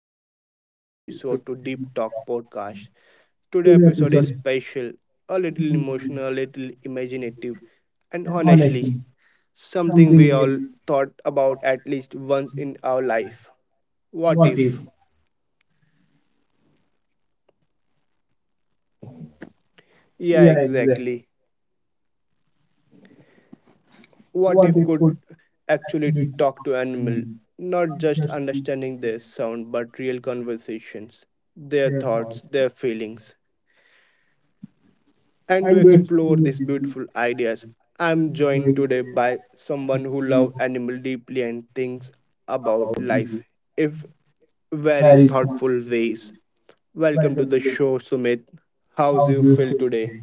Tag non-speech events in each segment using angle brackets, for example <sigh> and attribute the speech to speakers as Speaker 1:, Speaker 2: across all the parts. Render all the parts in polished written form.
Speaker 1: back to another episode to Deep Talk Podcast. Today episode is special, a little emotional, a little imaginative, and honestly, something we all thought about at least once in our life. What if? Yeah, exactly. What if could actually talk to animal? Not just understanding their sound, but real conversations, their thoughts, their feelings. And to explore these beautiful ideas. I'm joined today by someone who loves animal deeply and thinks about life in very thoughtful ways. Welcome to the show, Sumit. How's you feel today?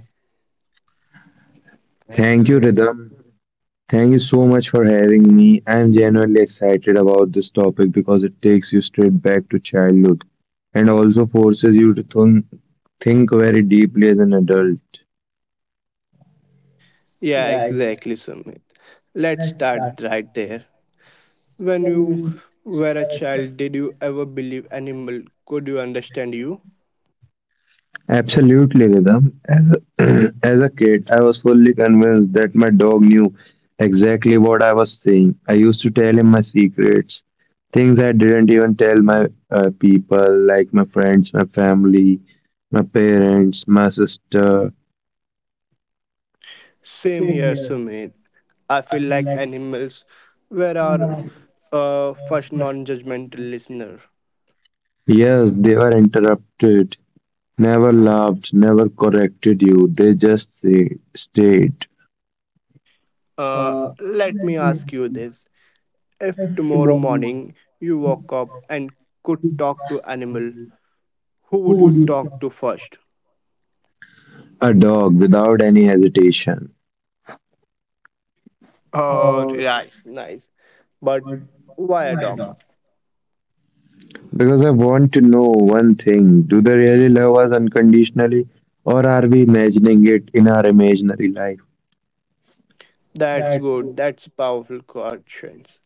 Speaker 2: Thank you, Rhythm. Thank you so much for having me. I'm genuinely excited about this topic because it takes you straight back to childhood and also forces you to think very deeply as an adult.
Speaker 1: Yeah, exactly, Sumit. Let's start right there. When you were a child, did you ever believe animal could you understand you?
Speaker 2: Absolutely, Rhythm. As a, <clears throat> as a kid, I was fully convinced that my dog knew exactly what I was saying. I used to tell him my secrets, things I didn't even tell my people, like my friends, my family, my parents, my sister.
Speaker 1: Same here, Sumit. I feel like animals were our first non judgmental listener.
Speaker 2: Yes, they were interrupted, never laughed, never corrected you. They just say, stayed
Speaker 1: Let me ask you this. If tomorrow morning you woke up and could talk to animal, who would you talk to first?
Speaker 2: a dog without any hesitation.
Speaker 1: Oh, nice, nice. But why a dog?
Speaker 2: Because I want to know one thing, do they really love us unconditionally, or are we imagining it in our imaginary life?
Speaker 1: That's good. That's powerful questions.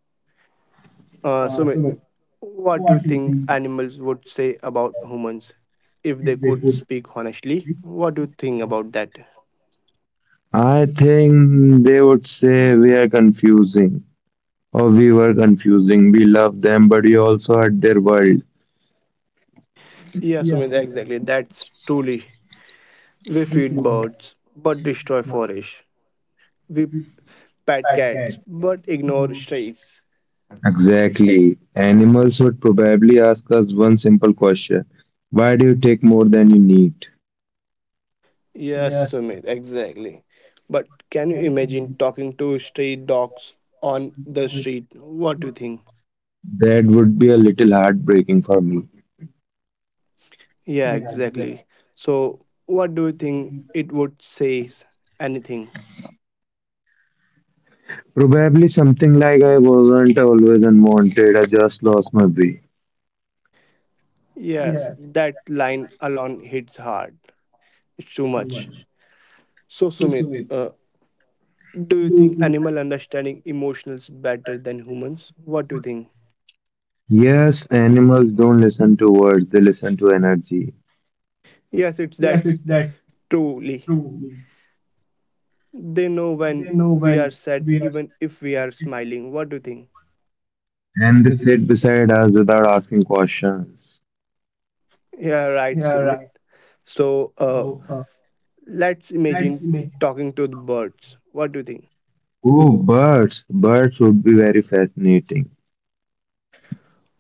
Speaker 1: Sumit, what do you think animals would say about humans if they could speak honestly? What do you think about that?
Speaker 2: I think they would say we are confusing, or we were confusing. We love them, but we also hurt their world.
Speaker 1: Yeah, Sumedha, exactly. That's truly. We feed birds but destroy forests. We pet cats but ignore strays.
Speaker 2: Exactly. Animals would probably ask us one simple question: why do you take more than you need?
Speaker 1: Yes, Sumedha, exactly. But can you imagine talking to stray dogs on the street? What do you think?
Speaker 2: That would be a little heartbreaking for me.
Speaker 1: Yeah, exactly. So, what do you think it would say? Anything?
Speaker 2: Probably something like, I wasn't always unwanted, I just lost my way.
Speaker 1: Yes, that line alone hits hard. It's too much. So, Sumit, do you think animal understanding emotions better than humans? What do you think?
Speaker 2: Yes, animals don't listen to words, they listen to energy.
Speaker 1: Yes, it's that's truly. They know when we are sad, even if we are smiling. What do you think?
Speaker 2: And they sit beside us without asking questions.
Speaker 1: Yeah, right, Sumit. So, let's imagine talking to the birds. What do you think?
Speaker 2: Oh, birds. Birds would be very fascinating.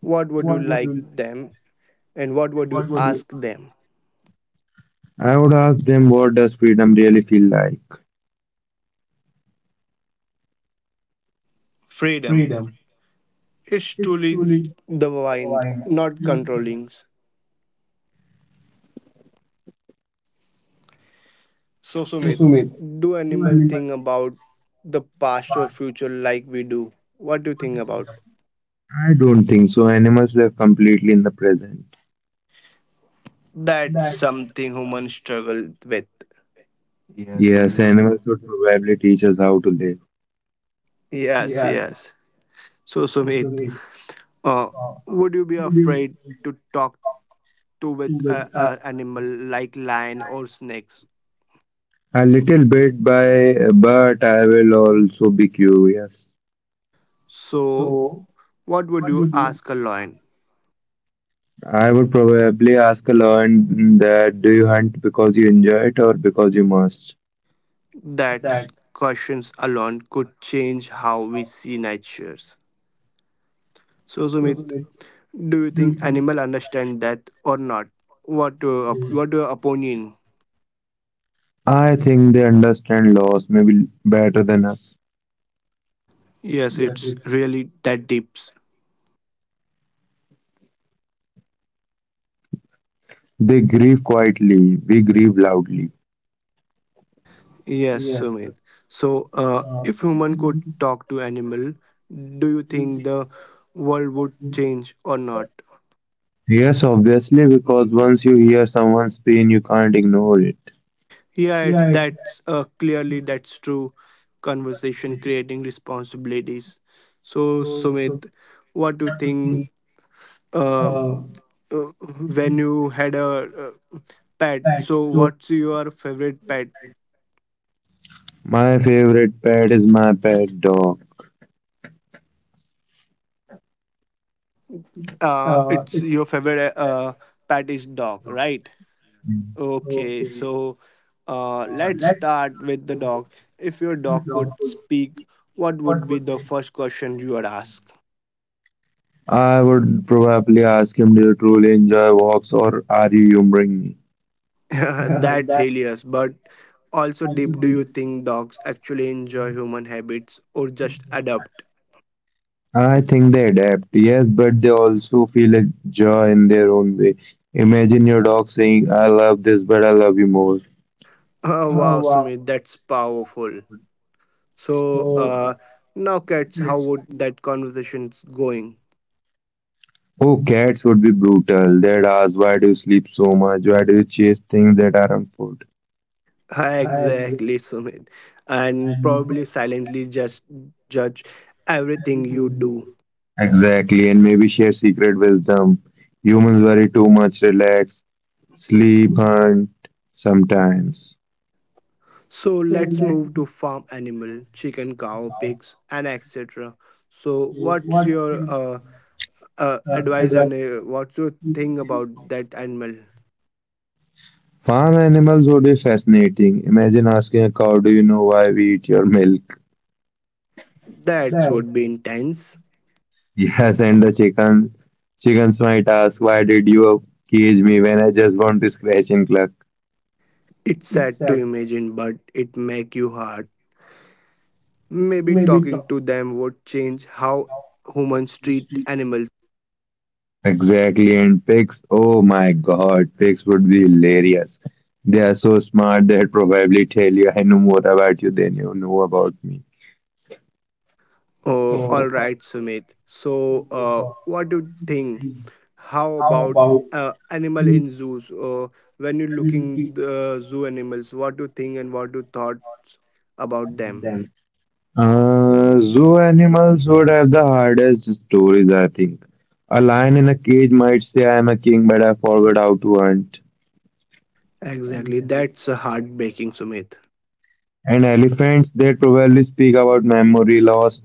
Speaker 1: What would you like them, and what would you ask them?
Speaker 2: I would ask them, what does freedom really feel like?
Speaker 1: Freedom, it's truly the wind, not controlling. So, Sumit, do animal think about the past or future like we do? What do you think about?
Speaker 2: I don't think so. Animals live completely in the present.
Speaker 1: That's something humans struggle with.
Speaker 2: Yes, animals would probably teach us how to live.
Speaker 1: Yes, yes. So, Sumit, uh, would you be afraid to talk to with a animal like lion or snakes?
Speaker 2: A little bit, by but I will also be curious.
Speaker 1: So, what would you ask a lion?
Speaker 2: I would probably ask a lion that, do you hunt because you enjoy it or because you must?
Speaker 1: That questions alone could change how we see nature's. So, Sumit, do you think animal understand that or not? What what your opinion?
Speaker 2: I think they understand loss maybe better than us.
Speaker 1: Yes, it's really that deep.
Speaker 2: They grieve quietly, we grieve loudly.
Speaker 1: Yes, Sumit. So, if human could talk to animal, do you think the world would change or not?
Speaker 2: Yes, obviously, because once you hear someone's pain, you can't ignore it.
Speaker 1: Yeah, it's, that's clearly that's true. Conversation creating responsibilities. So, Sumit, what do you think? Um, uh, when you had a pet, so what's your favorite pet?
Speaker 2: My favorite pet is my pet dog.
Speaker 1: It's your favorite pet is dog, right? Okay, so let's start with the dog. If your dog could speak, what would be the first question you would ask?
Speaker 2: I would probably ask him, do you truly enjoy walks or are you humoring me?
Speaker 1: <laughs> That's hilarious, but also deep. Do you think dogs actually enjoy human habits or just adapt?
Speaker 2: I think they adapt, yes, but they also feel a joy in their own way. Imagine your dog saying, I love this, but I love you more.
Speaker 1: <laughs> Wow, Sumit, that's powerful. So now, cats, how would that conversation's going?
Speaker 2: Oh, cats would be brutal. They'd ask, why do you sleep so much? Why do you chase things that aren't food?
Speaker 1: <laughs> Exactly, Sumit, and probably silently just judge everything you do.
Speaker 2: Exactly, and maybe share secret wisdom. Humans worry too much, relax, sleep, hunt sometimes.
Speaker 1: So let's move to farm animal, chicken, cow, pigs, and etc. So what's your advice and what's your thing about that animal?
Speaker 2: Farm animals would be fascinating. Imagine asking a cow, "Do you know why we eat your milk?"
Speaker 1: That would be intense.
Speaker 2: <laughs> Yes, and chickens might ask, "Why did you cage me when I just want to scratch and cluck?"
Speaker 1: It's sad to imagine, but it make you hard. Maybe talking to them would change how humans treat animals.
Speaker 2: Exactly. And pigs, oh my God, pigs would be hilarious. They are so smart. They'd probably tell you, "I know more about you than you know about me."
Speaker 1: Oh, all right, Sumit. So, what do you think? How about animal in zoos? When you're looking the zoo animals, what do you think and what do you thoughts about them?
Speaker 2: Zoo animals would have the hardest stories, I think. A lion in a cage might say, I am a king, but I forgot how to hunt.
Speaker 1: Exactly, that's a heartbreaking, Sumit.
Speaker 2: And elephants, they probably speak about memory loss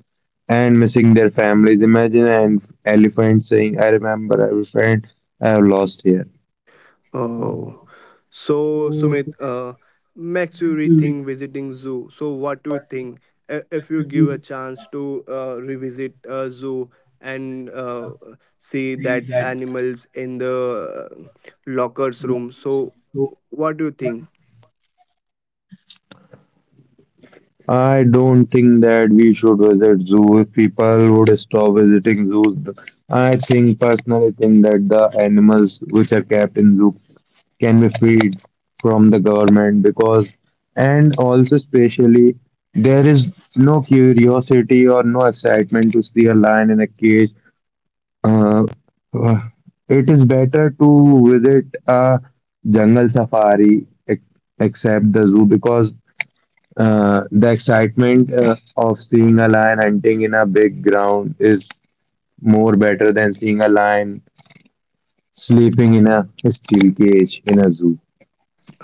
Speaker 2: and missing their families. Imagine an elephant saying, I remember every friend I have lost here.
Speaker 1: Oh, so Sumit, makes you rethink visiting zoo. So what do you think if you give a chance to revisit a zoo and see that animals in the lockers room? So what do you think?
Speaker 2: I don't think that we should visit zoos. People would stop visiting zoos. I think personally think that the animals which are kept in zoo can be freed from the government because and also especially there is no curiosity or no excitement to see a lion in a cage. Uh, uh, it is better to visit a jungle safari ex- except the zoo because the excitement of seeing a lion hunting in a big ground is more better than seeing a lion sleeping in a steel cage in a zoo.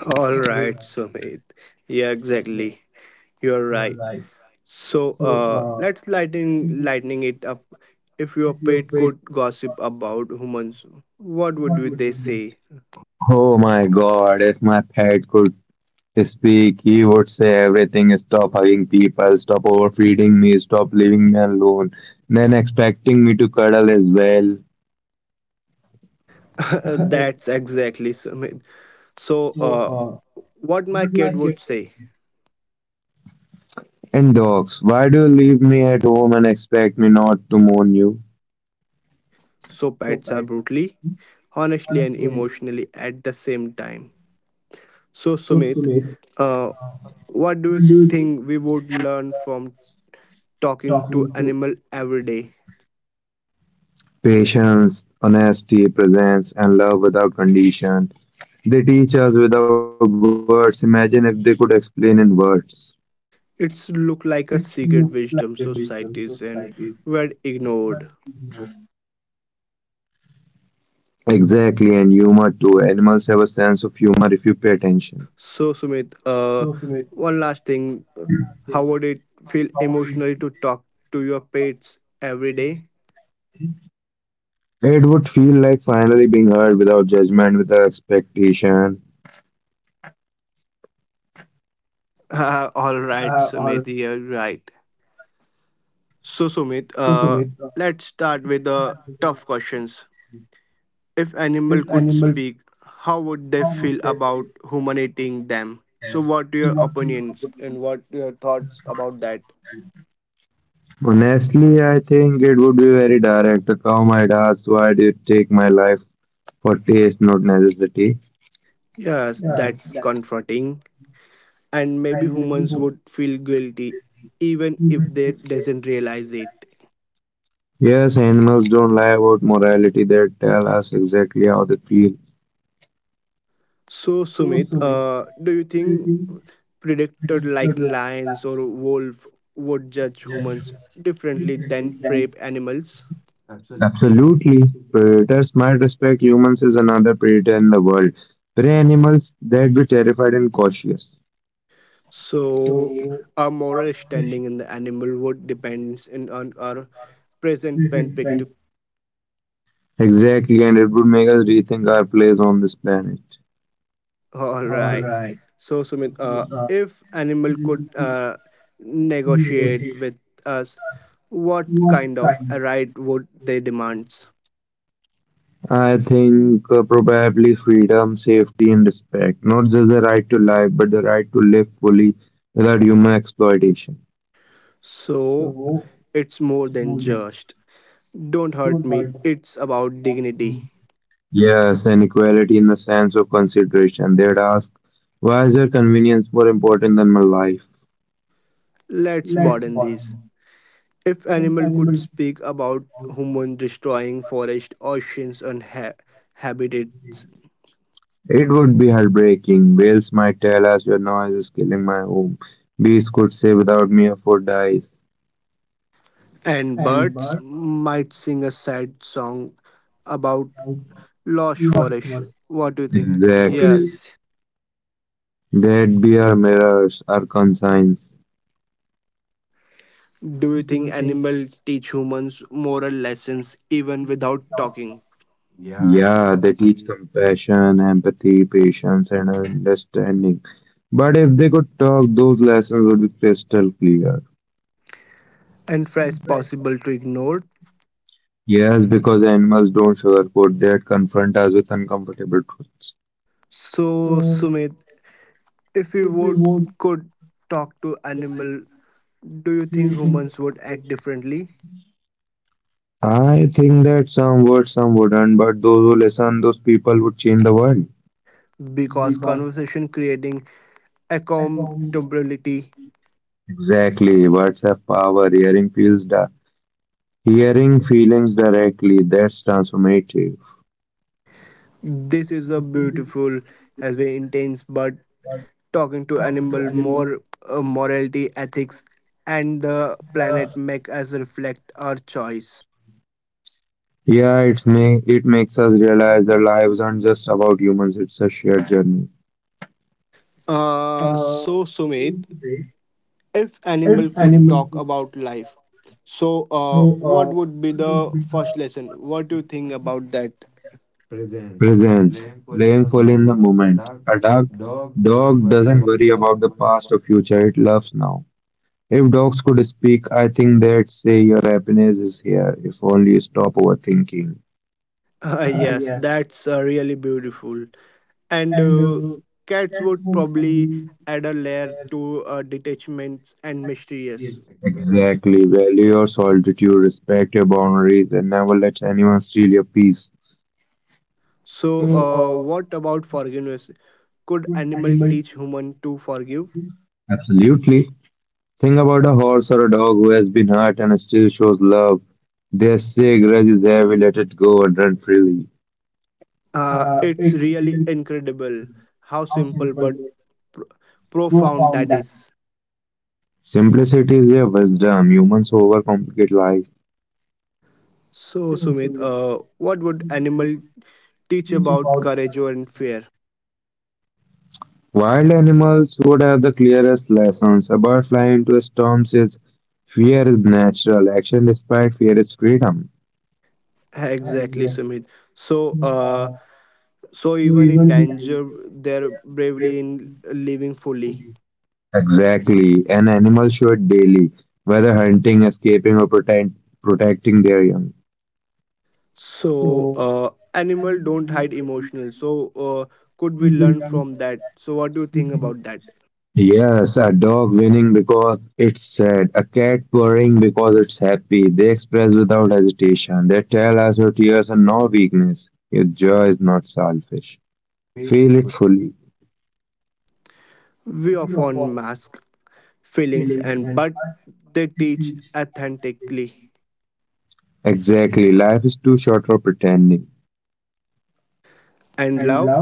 Speaker 1: All right, Sumit. Yeah, exactly. You're right. So let's lightening it up. If your pet could gossip about humans, what would they say?
Speaker 2: Oh my god, if my pet could speak, he would say everything, stop hugging people, stop overfeeding me, stop leaving me alone, then expecting me to cuddle as well.
Speaker 1: <laughs> That's exactly, Sumit. So, what my kid would say.
Speaker 2: And dogs, why do you leave me at home and expect me not to mourn you?
Speaker 1: So, pets are brutally, honestly, and emotionally at the same time. So, Sumit, uh, what do you think we would learn from talking to animal every day?
Speaker 2: Patience, honesty, presence, and love without condition. They teach us without words. Imagine if they could explain in words.
Speaker 1: It's look like a secret wisdom societies and were ignored.
Speaker 2: Exactly, and humor too. Animals have a sense of humor if you pay attention.
Speaker 1: So, Sumit, one last thing. How would it feel emotionally to talk to your pets every day?
Speaker 2: It would feel like finally being heard without judgment, without expectation.
Speaker 1: <laughs> All right, Sumit, you're right. So, Sumit, let's start with the tough questions. If animal could speak, how would they feel about human eating them? So, what your opinions and what your thoughts about that?
Speaker 2: Honestly, I think it would be very direct. A cow might ask, why do you take my life for taste, not necessity?
Speaker 1: Yes, that's confronting, and maybe humans would feel guilty even if they doesn't realize it.
Speaker 2: Yes, animals don't lie about morality, they tell us exactly how they feel.
Speaker 1: So, Sumit, do you think predators like lions or wolf would judge humans differently than prey animals.
Speaker 2: Absolutely. Predators might respect humans as another predator in the world. Prey animals, they'd be terrified and cautious.
Speaker 1: So our moral standing in the animal would depends in, on our present perspective.
Speaker 2: Exactly, and it would make us rethink our place on this planet.
Speaker 1: All right. So Sumit, if animal could negotiate with us, what kind of a right would they demand?
Speaker 2: I think probably freedom, safety, and respect. Not just the right to life, but the right to live fully without human exploitation.
Speaker 1: So it's more than just don't hurt me. It's about dignity.
Speaker 2: Yes, and equality in the sense of consideration. They'd ask, why is your convenience more important than my life?
Speaker 1: Let's broaden these. If animal could speak about humans destroying forest, oceans, and habitats,
Speaker 2: It would be heartbreaking. Whales might tell us, your noise is killing my home. Bees could say, without me, a foot dies.
Speaker 1: and birds might sing a sad song about lost forest. What do you think?
Speaker 2: Exactly.
Speaker 1: Yes.
Speaker 2: They'd be our mirrors, our conscience.
Speaker 1: Do you think animals teach humans moral lessons even without talking?
Speaker 2: Yeah, they teach compassion, empathy, patience, and understanding. But if they could talk, those lessons would be crystal clear.
Speaker 1: And fresh possible to ignore.
Speaker 2: Yes, because animals don't sugarcoat, they confront us with uncomfortable truths.
Speaker 1: So Sumit, if you would could talk to animal, do you think humans would act differently?
Speaker 2: I think that some would, some wouldn't, but those who listen, those people would change the world.
Speaker 1: Because conversation creating accountability.
Speaker 2: Exactly, words have power. Hearing feelings directly. That's transformative.
Speaker 1: This is a beautiful, has been intense, but talking to animal more morality, ethics, and the planet make us reflect our choice.
Speaker 2: Yeah, it makes us realize that lives aren't just about humans. It's a shared journey.
Speaker 1: So Sumit, if animal could talk about life, so what would be the first lesson? What do you think about that? <laughs>
Speaker 2: Presence, living fully in the moment. A dog doesn't worry about the past or future. It loves now. If dogs could speak, I think they'd say your happiness is here. If only you stop overthinking.
Speaker 1: Yes, that's really beautiful. And cats would probably add a layer to detachments and mysterious.
Speaker 2: Exactly. Value your solitude, respect your boundaries, and never let anyone steal your peace.
Speaker 1: So what about forgiveness? Could animal teach human to forgive?
Speaker 2: Absolutely. Think about a horse or a dog who has been hurt and still shows love. They say grudge is there, we let it go and run freely.
Speaker 1: It's really incredible how simple but pr- profound that is.
Speaker 2: Simplicity is their wisdom. Humans overcomplicate life.
Speaker 1: So Sumit, what would animal teach about courage and fear?
Speaker 2: Wild animals would have the clearest lessons. A bird flying into a storm says, fear is natural. Action despite fear is freedom.
Speaker 1: Exactly, Sumit. So, so even in danger, they're bravely in living fully.
Speaker 2: Exactly. An animal should daily, whether hunting, escaping, or protecting their young.
Speaker 1: So, animal don't hide emotional. So, could we learn from that? So, what do you think about that?
Speaker 2: Yes, a dog winning because it's sad, a cat purring because it's happy. They express without hesitation. They tell us your tears are no weakness. Your joy is not selfish. Feel it fully.
Speaker 1: We often mask feelings, and but they teach authentically
Speaker 2: Exactly. Life is too short for pretending.
Speaker 1: and love.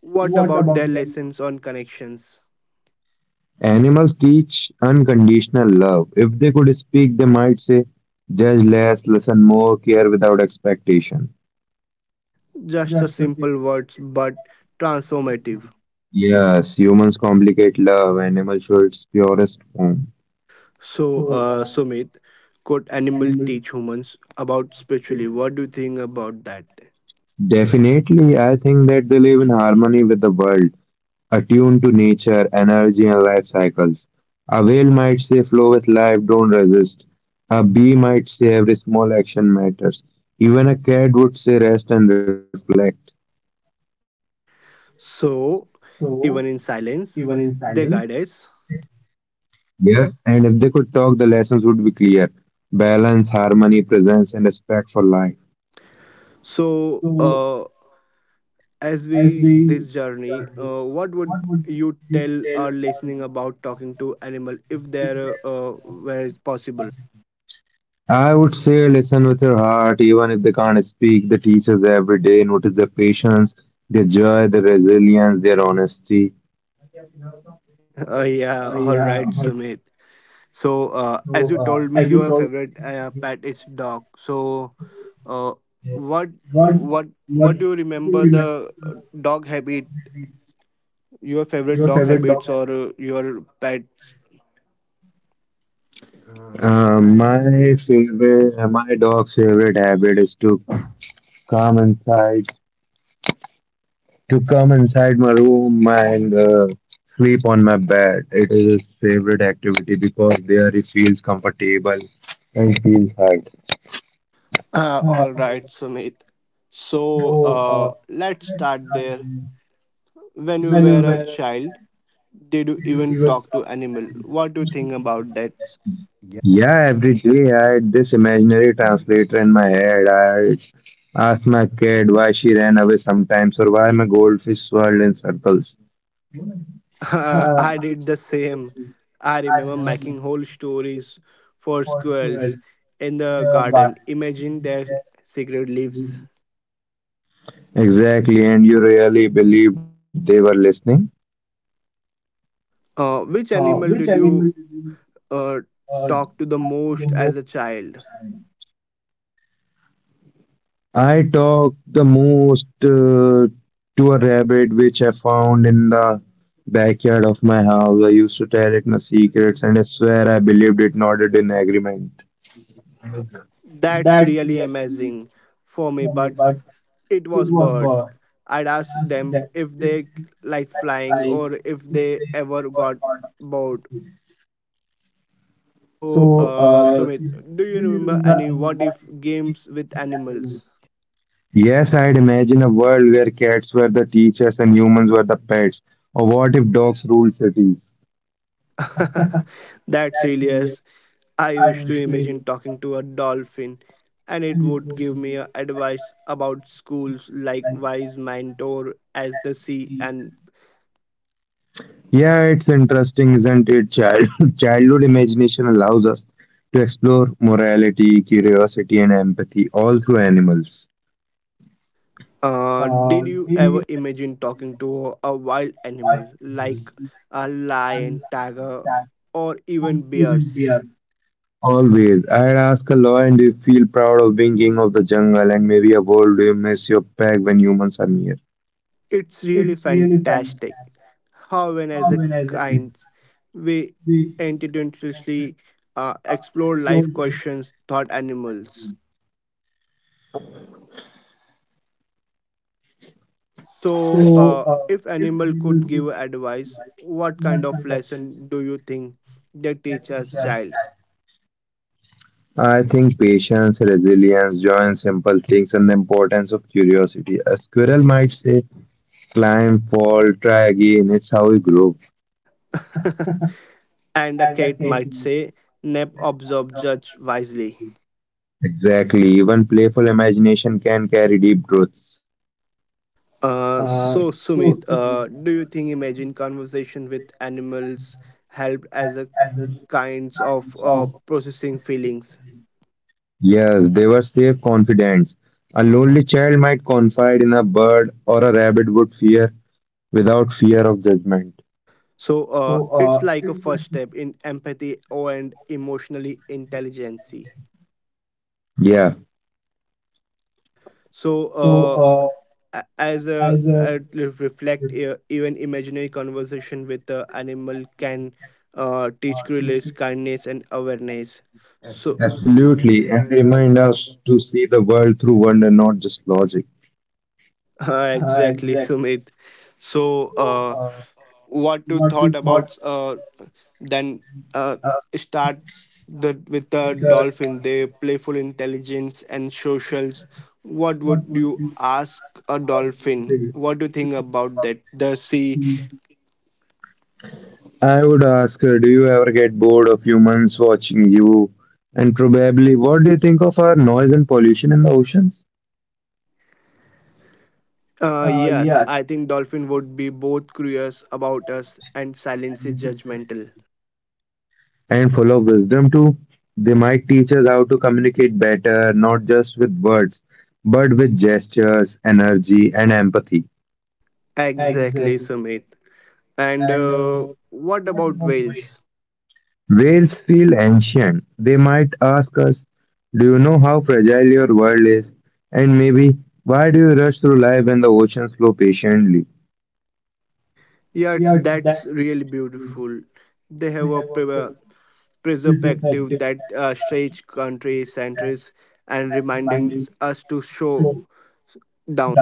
Speaker 1: What about their lessons on connections?
Speaker 2: Animals teach unconditional love. If they could speak, they might say, judge less, listen more, care without expectation.
Speaker 1: Just a simple words, but transformative.
Speaker 2: Yes, humans complicate love, animals show its purest form.
Speaker 1: So, Sumit, could animal teach humans about spiritually? What do you think about that?
Speaker 2: Definitely, I think that they live in harmony with the world, attuned to nature, energy, and life cycles. A whale might say, flow with life, don't resist. A bee might say, every small action matters. Even a cat would say, rest and reflect.
Speaker 1: So, even in silence, they guide us.
Speaker 2: Yes, and if they could talk, the lessons would be clear: balance, harmony, presence, and respect for life.
Speaker 1: So, as we this journey, what would you tell our listening about talking to animal if there where it's possible? <laughs>
Speaker 2: I would say listen with your heart, even if they can't speak. The teachers every day notice their patience, their joy, their resilience, their honesty.
Speaker 1: Yeah, all right, Sumit. So, as you told me, your favorite pet is dog. So, uh, what what what do you remember the dog habit? Your favorite dog habits or your pets?
Speaker 2: My dog's favorite habit is to come inside, to come inside my room and sleep on my bed. It is his favorite activity because there he feels comfortable and feels hug.
Speaker 1: All right, Sumit. So, let's start there. When you were a child, did you even talk to animal? What do you think about that?
Speaker 2: Yeah, every day I had this imaginary translator in my head. I asked my kid why she ran away sometimes or why my goldfish swirled in circles.
Speaker 1: <laughs> I did the same. I remember making whole stories for squirrels in the garden, imagine their secret lives.
Speaker 2: Exactly, and you really believed they were listening?
Speaker 1: Which animal did you uh, talk to the most as a child?
Speaker 2: I talked the most to a rabbit which I found in the backyard of my house. I used to tell it my secrets and I swear I believed it nodded in agreement.
Speaker 1: That's really amazing for me, but it was bird. I'd ask them if they like flying or if they ever got bored. So, Sumit, do you remember any what if games with animals?
Speaker 2: Yes, I'd imagine a world where cats were the teachers and humans were the pets. Or what if dogs ruled cities?
Speaker 1: <laughs> That's hilarious. I used to imagine talking to a dolphin and it would give me advice about schools like wise mentor as the sea. And
Speaker 2: Yeah, it's interesting, isn't it? Child- <laughs> childhood imagination allows us to explore morality, curiosity, and empathy all through animals.
Speaker 1: did you ever imagine talking to a wild animal like a lion, tiger or even bears?
Speaker 2: Always. I'd ask a lion, do you feel proud of being king of the jungle, and maybe a world, do you miss your pack when humans are near?
Speaker 1: It's really fantastic how, when as a kind, we intuitively explore life questions thought animals. So, if animal could give advice, what kind of lesson do you think they teach us child?
Speaker 2: I think patience, resilience, joy in simple things and the importance of curiosity. A squirrel might say, climb, fall, try again. It's how we grow.
Speaker 1: <laughs> And a cat might say, "Nap, observe, judge wisely."
Speaker 2: Exactly. Even playful imagination can carry deep truths.
Speaker 1: So Sumit, do you think imagine conversation with animals helped as a kinds of processing feelings.
Speaker 2: Yes, they were safe confidence. A lonely child might confide in a bird or a rabbit would fear without fear of judgment.
Speaker 1: So it's like a first step in empathy or and emotionally intelligence.
Speaker 2: Yeah,
Speaker 1: So as a reflect, even imaginary conversation with the animal can teach curiosity, kindness, and awareness. So
Speaker 2: absolutely. And they remind us to see the world through wonder, not just logic.
Speaker 1: <laughs> exactly, Sumit. So what you thought about? Then uh, start the with the dolphin, their playful intelligence and socials. What would you ask a dolphin? What do you think about that? The sea.
Speaker 2: I would ask her, do you ever get bored of humans watching you? And probably, what do you think of our noise and pollution in the oceans?
Speaker 1: Yes, I think dolphin would be both curious about us and silently judgmental.
Speaker 2: And full of wisdom too. They might teach us how to communicate better, not just with words, but with gestures, energy, and empathy.
Speaker 1: Exactly, Sumit. And what about whales?
Speaker 2: Whales feel ancient. They might ask us, do you know how fragile your world is? And maybe, why do you rush through life when the oceans flow patiently?
Speaker 1: Yeah, it's, that's really beautiful. They have a preservative that stretch country centers and reminding us to show down.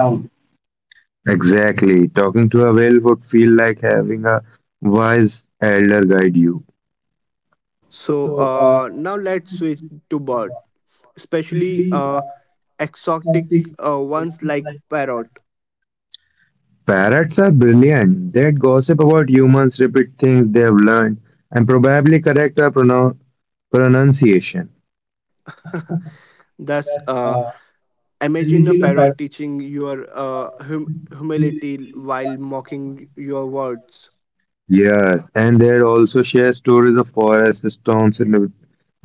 Speaker 2: Exactly. Talking to a whale would feel like having a wise elder guide you.
Speaker 1: So now let's switch to bird, especially exotic ones like parrot.
Speaker 2: Parrots are brilliant. They gossip about humans, repeat things they have learned, and probably correct our pronunciation.
Speaker 1: <laughs> Thus, imagine a parrot teaching your humility while mocking your words.
Speaker 2: Yes, and they also share stories of forests, storms, and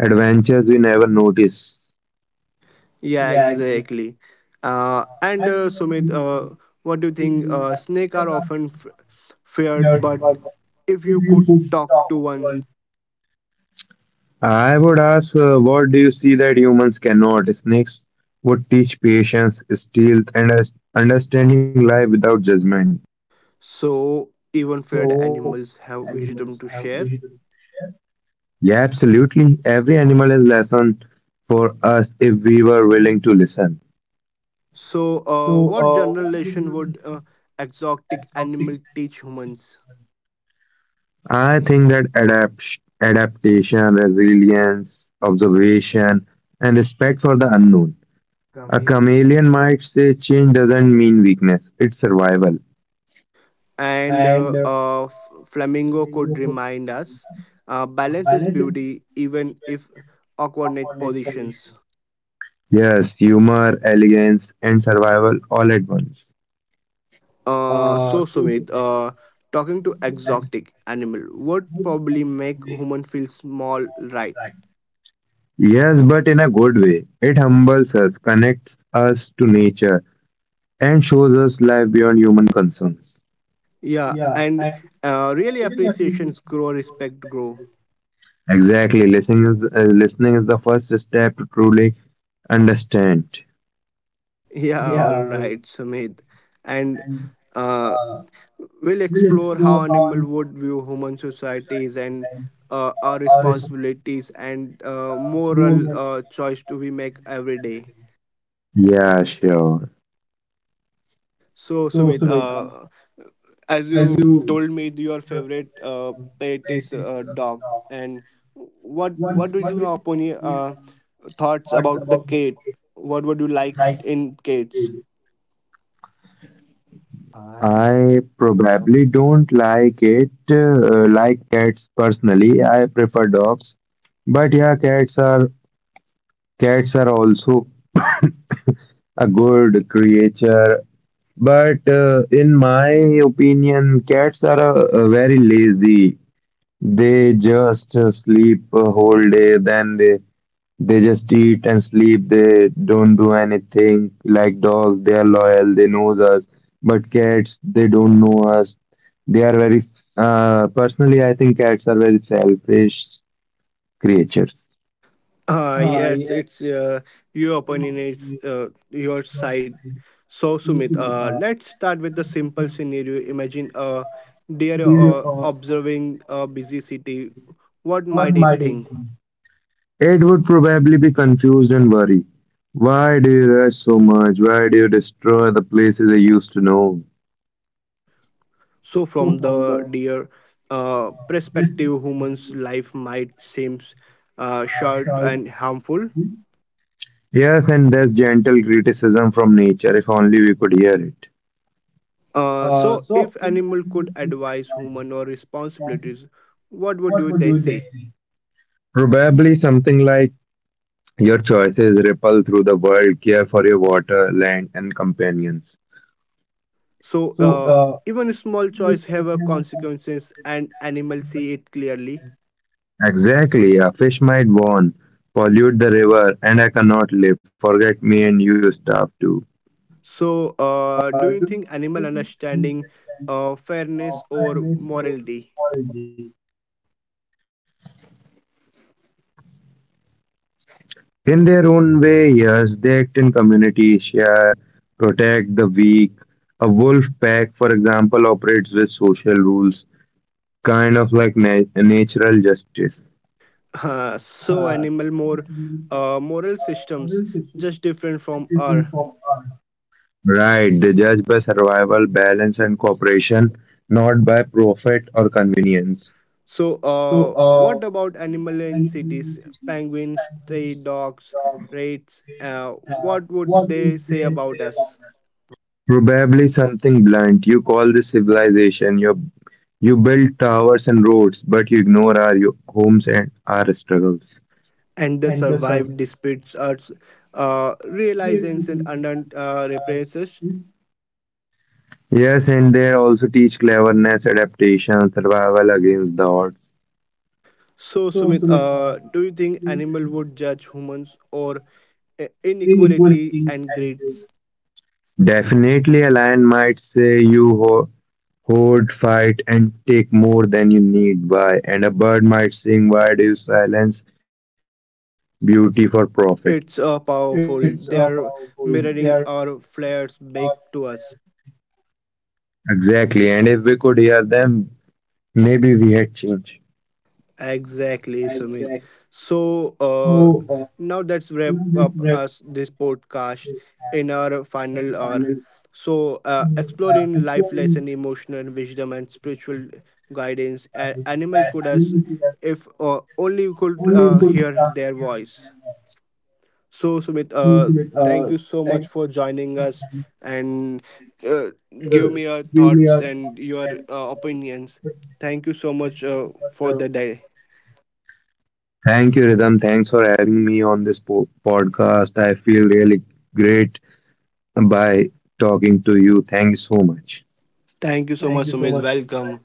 Speaker 2: adventures we never notice.
Speaker 1: Yeah, exactly. And Sumit, what do you think? Snake are often feared, but if you could talk to one,
Speaker 2: I would ask, what do you see that humans cannot? Snakes would teach patience, stealth, and understanding life without judgment.
Speaker 1: so even feared animals have wisdom to share.
Speaker 2: Yeah, absolutely. Every animal is lesson for us if we were willing to listen.
Speaker 1: So, what general lesson would exotic animal teach humans?
Speaker 2: I think that adaptation, resilience, observation, and respect for the unknown. A chameleon might say change doesn't mean weakness, it's survival.
Speaker 1: And flamingo could remind us, balance is beauty, even if awkward net positions.
Speaker 2: Yes, humor, elegance, and survival all at once.
Speaker 1: So Sumit, talking to exotic animal would probably make human feel small, right?
Speaker 2: Yes, but in a good way. It humbles us, connects us to nature, and shows us life beyond human concerns.
Speaker 1: Yeah, and really appreciations grow, respect grow. <laughs>
Speaker 2: Exactly, listening is the first step to truly understand.
Speaker 1: Yeah, all right, Sumit, and uh, we'll explore how animal would view human societies and our responsibilities and moral choice to we make every day.
Speaker 2: Yeah, sure.
Speaker 1: So Sumit, as you told me your favorite pet is a dog, and what do you opinion thoughts about the cat? What would you like in cats?
Speaker 2: I probably don't like it, like cats personally. I prefer dogs. But yeah, cats are also a good creature. But in my opinion, cats are very lazy. They just sleep a whole day, then they just eat and sleep. They don't do anything. Like dogs, they are loyal. They knows us. But cats, they don't know us. They are very. Personally, I think cats are very selfish creatures.
Speaker 1: Yes, it's your opinion is your side. So Sumit, let's start with the simple scenario. Imagine a deer observing a busy city. What might it think?
Speaker 2: It would probably be confused and worry. Why do you rush so much? Why do you destroy the places I used to know?
Speaker 1: So, from the deer perspective, humans' life might seem short and harmful.
Speaker 2: Yes, and there's gentle criticism from nature, if only we could hear it.
Speaker 1: So, if animal could advise human or responsibilities, what would you they say?
Speaker 2: Probably something like, your choices ripple through the world. Care for your water, land, and companions.
Speaker 1: So, even small choice have a consequences, and animal see it clearly.
Speaker 2: Exactly. A fish might warn, pollute the river, and I cannot live. Forget me, and you starve too.
Speaker 1: So, do you think animal understanding fairness or morality? <laughs>
Speaker 2: In their own way, yes, they act in community, share, protect the weak. A wolf pack, for example, operates with social rules, kind of like natural justice.
Speaker 1: So, animal more moral systems just different from our.
Speaker 2: Right, they judge by survival, balance, and cooperation, not by profit or convenience.
Speaker 1: So, what about animal in cities? Penguins, stray dogs, rats. What would they say about us?
Speaker 2: Probably something blunt. You call this civilization. You build towers and roads, but you ignore our homes and our struggles.
Speaker 1: And the survived disputes are realizations and under repressions.
Speaker 2: Yes, and they also teach cleverness, adaptation, survival against the odds.
Speaker 1: So, Sumit, do you think animal would judge humans or inequality and greeds?
Speaker 2: Definitely, a lion might say you hoard, fight, and take more than you need. Why? And a bird might sing, why do you silence beauty for profit?
Speaker 1: It's powerful. They are mirroring our flares back to us.
Speaker 2: Exactly. And if we could hear them, maybe we had changed.
Speaker 1: Exactly, Sumit. So now let's wrap up us this podcast in our final hour. So exploring life lesson, emotional wisdom, and spiritual guidance. Animal could us if only we could hear their voice. So Sumit, thank you so much for joining us, and uh, give me your thoughts and your opinions. Thank you so much for the day.
Speaker 2: Thank you, Rhythm. Thanks for having me on this podcast. I feel really great by talking to you. Thanks so much.
Speaker 1: Thank you so much, Sumit. Welcome.